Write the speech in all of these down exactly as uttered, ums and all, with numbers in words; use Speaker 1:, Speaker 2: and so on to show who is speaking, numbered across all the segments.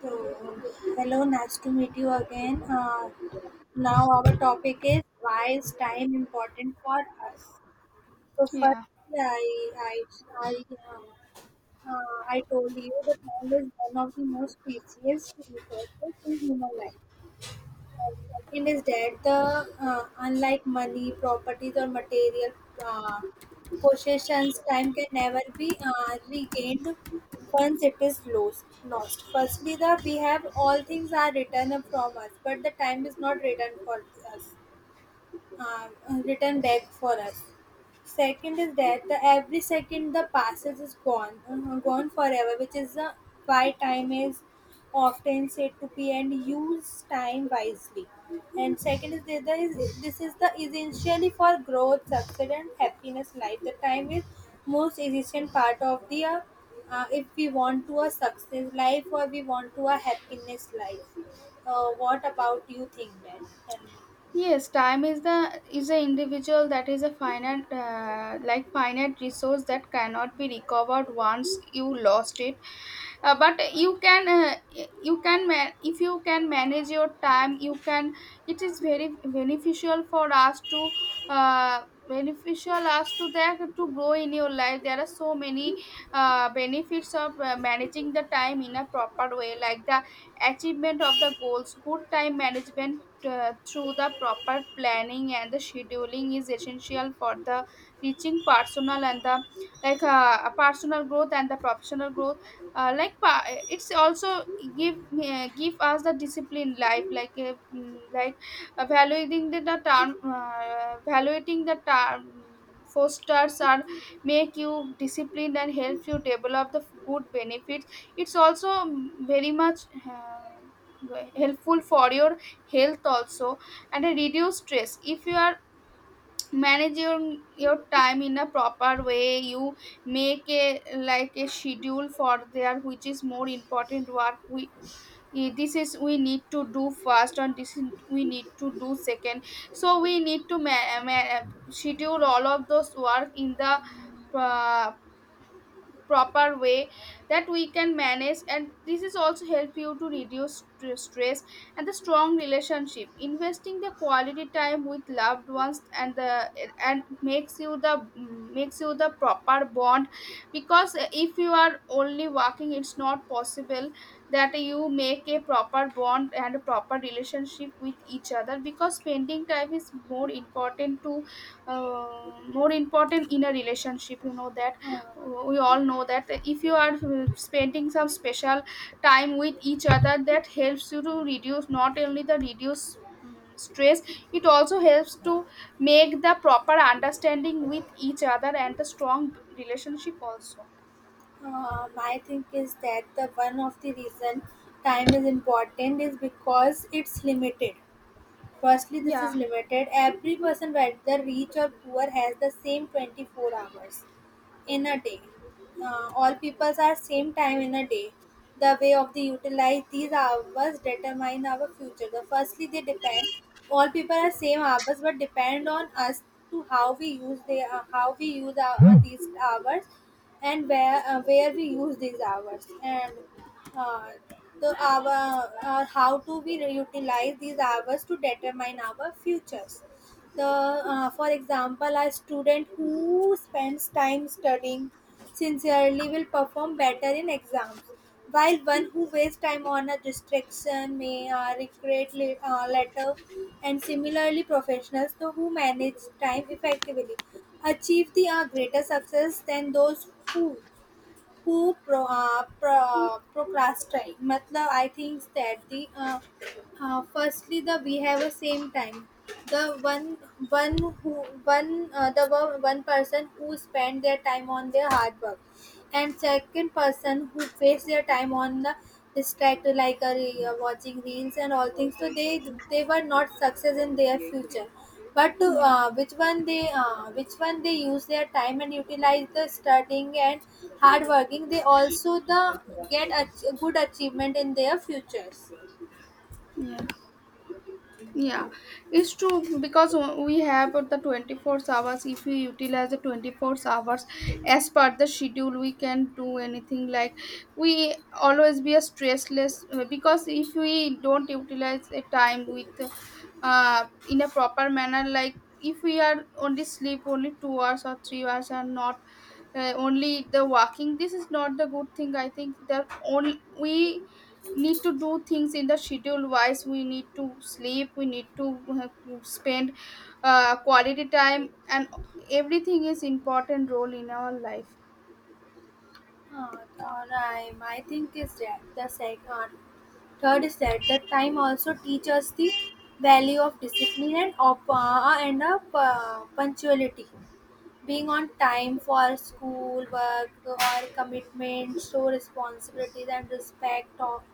Speaker 1: So, hello, nice to meet you again. Uh, now, our topic is: why is time important for us? So,
Speaker 2: Yeah.
Speaker 1: firstly, I, I, I, uh, uh, I told you that time is one of the most precious resources in human life. Second is that the uh, unlike money, properties, or material uh, possessions, time can never be uh, regained once it is lost. Lost. Firstly, the we have all things are returned from us, but the time is not returned for us, uh, return back for us. Second is that the every second the passes is gone, uh, gone forever, which is uh, why time is often said to be and use time wisely. And second is that there is, this is the essentially for growth, success, and happiness. Life the time is most essential part of the uh, uh, if we want to a success life or we want to a happiness life. Uh, what about you think, Ben? Tell me.
Speaker 2: Yes, time is the is a individual that is a finite, uh, like finite resource that cannot be recovered once you lost it. Uh, but you can, uh, you can man- if you can manage your time, you can. It is very beneficial for us to, uh, beneficial us to that to grow in your life. There are so many uh, benefits of uh, managing the time in a proper way, like the achievement of the goals, good time management uh, through the proper planning and the scheduling is essential for the reaching personal and the, like uh, personal growth and the professional growth, uh, like pa- it's also give, uh, give us the discipline life, like, uh, mm, like evaluating the, the term, uh, evaluating the term fosters are make you disciplined and help you develop the good benefits. It's also, mm, very much uh, helpful for your health also, and a reduce stress. If you are managing your time in a proper way, you make a like a schedule for there which is more important work. We, eh, this is we need to do first and this is we need to do second, so we need to ma- ma- schedule all of those work in the uh, proper way that we can manage, and this is also help you to reduce st- stress. And the strong relationship, investing the quality time with loved ones, and the and makes you the makes you the proper bond, because if you are only working it's not possible that you make a proper bond and a proper relationship with each other, because spending time is more important to, uh, more important in a relationship. You know that
Speaker 1: Uh,
Speaker 2: we all know that if you are, uh, spending some special time with each other that helps you to reduce not only the reduce, um, stress. It also helps to make the proper understanding with each other and the strong relationship also.
Speaker 1: Uh, my think is that the one of the reason time is important is because it's limited. Firstly, this
Speaker 2: Yeah,
Speaker 1: is limited. Every person, whether rich or poor, has the same twenty-four hours in a day. Uh, all peoples are same time in a day. The way of the utilize these hours determine our future. The firstly they depend. All people are same hours but depend on us to how we use they uh, how we use our, uh, these hours, and where uh, where we use these hours, and uh, the our uh, how to we utilize these hours to determine our futures, the uh, for example, a student who spends time studying sincerely will perform better in exams, while one who wastes time on a distraction may uh, regret la- uh, later. And similarly, professionals though who manage time effectively achieve the uh, greater success than those who who pro, uh, pro, procrastinate. मतलब, I think that the uh, uh, firstly, the we have a same time. The one one who one uh, the one one person who spend their time on their hard work, and second person who waste their time on the distract, like a re- uh, watching reels and all things. So they they were not success in their future. But to,
Speaker 2: yeah,
Speaker 1: uh, which one they uh, which one they use their time and utilize the studying and hard working, they also the get a good achievement in their futures.
Speaker 2: yeah. Yeah, it's true because we have the twenty-four hours. If we utilize the twenty-four hours as per the schedule, we can do anything, like we always be a stressless, uh, because if we don't utilize a time with, uh, in a proper manner, like if we are only sleep only two hours or three hours and not, uh, only the walking, this is not the good thing. I think that only we need to do things in the schedule wise. We need to sleep, we need to, uh, spend uh, quality time, and everything is important role in our life.
Speaker 1: Ah, the rhyme, I think, is that the second. Third is that the time also teaches the value of discipline and, op- uh, and of uh, punctuality. Being on time for school work or commitments show responsibilities and respect of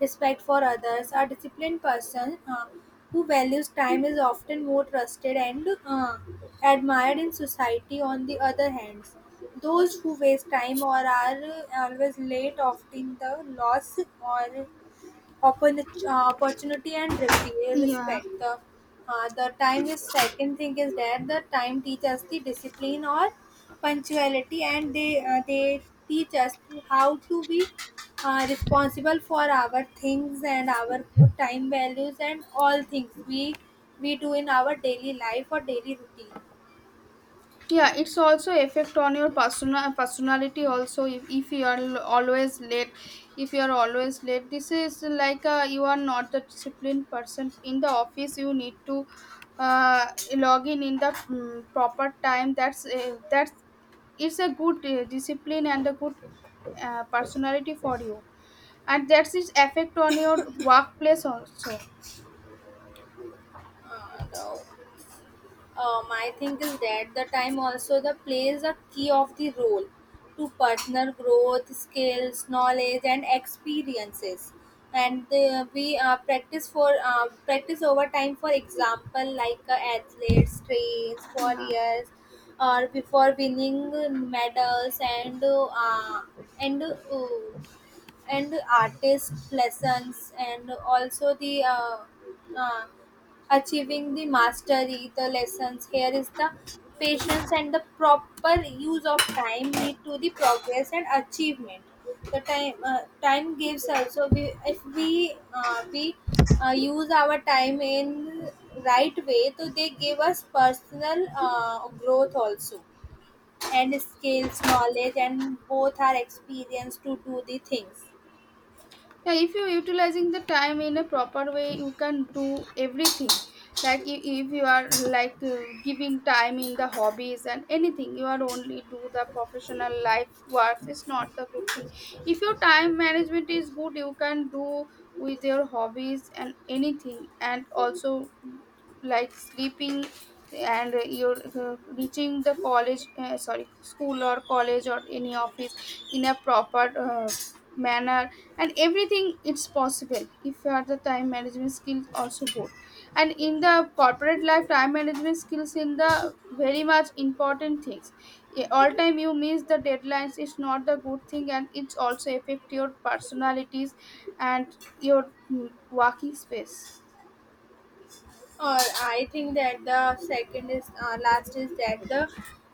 Speaker 1: respect for others. A disciplined person uh, who values time is often more trusted and uh, admired in society. On the other hand, those who waste time or are uh, always late often the loss or Opportunity, uh, opportunity and repe-
Speaker 2: Yeah,
Speaker 1: respect. The, uh, the time is second thing is that the time teaches us the discipline or punctuality, and they uh, they teach us to how to be uh, responsible for our things and our time values and all things we we do in our daily life or daily routine.
Speaker 2: yeah, it's also effect on your personal personality also. If, if you are l- always late, if you are always late, this is like, uh, you are not the disciplined person in the office. You need to, uh, log in in the, mm, proper time. That's uh, that's it's a good uh, discipline and a good uh, personality for you, and that's its effect on your workplace also.
Speaker 1: Uh, the um, I think is that the time also the plays a key of the role to personal growth, skills, knowledge, and experiences. And the, we uh, practice for uh, practice over time. For example, like uh, athletes trains for
Speaker 2: Yeah,
Speaker 1: years, or before winning medals and uh, and uh, and artist lessons, and also the uh, uh, achieving the mastery, the lessons here is the patience and the proper use of time lead to the progress and achievement. The time uh, time gives also we if we uh, we uh, use our time in right way, so they give us personal uh, growth also, and skills knowledge and both are experienced to do the things.
Speaker 2: yeah, if you're utilizing the time in a proper way you can do everything, like if, if you are like, uh, giving time in the hobbies and anything. You are only do the professional life works, it's not the good thing. If your time management is good, you can do with your hobbies and anything, and also like sleeping, and you're uh, reaching the college, uh, sorry, school or college or any office in a proper uh, manner. And everything it's possible if you are the time management skills also good. And in the corporate life, time management skills in the very much important things. Yeah, all time you miss the deadlines it's not the good thing, and it's also affect your personalities and your, mm, working space.
Speaker 1: Or I think that the second is uh, last is that the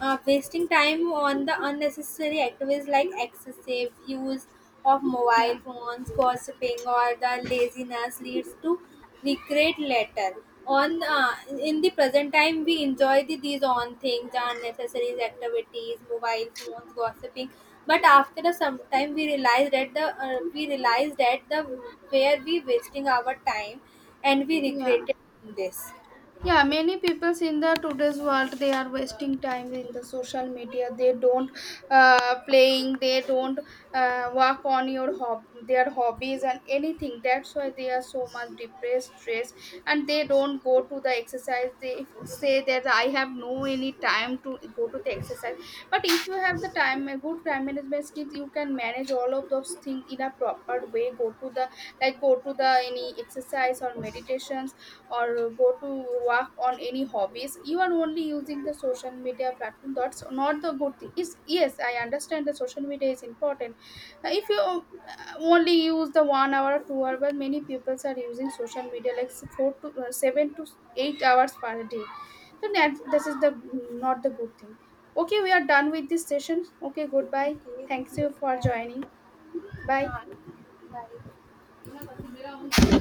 Speaker 1: uh, wasting time on the unnecessary activities like excessive use of
Speaker 2: Yeah,
Speaker 1: mobile phones, gossiping, or the laziness leads to regret later. On uh, In the present time, we enjoy the, these on things, the unnecessary activities, mobile phones, gossiping. But after a some time, we realize that the uh, we realize that the where we wasting our time, and we
Speaker 2: yeah,
Speaker 1: regretted this.
Speaker 2: yeah, many peoples in the today's world they are wasting time in the social media. They don't, uh, playing, they don't, uh, work on your hob their hobbies and anything, that's why they are so much depressed, stressed, and they don't go to the exercise. They say that I have no any time to go to the exercise, but if you have the time, a good time management skills, you can manage all all of those things in a proper way. Go to the, like, go to the any exercise or meditations, or go to work on any hobbies. You are only using the social media platform, that's not the good thing is. Yes, I understand the social media is important. Uh, if you, uh, only use the one hour or two hour, well many people are using social media like s- four to, uh, seven to eight hours per day. Then that- this is the not the good thing. Okay, we are done with this session. Okay, goodbye.
Speaker 1: Okay,
Speaker 2: Thanks you for
Speaker 1: goodbye.
Speaker 2: joining. Bye.
Speaker 1: Huh. Bye.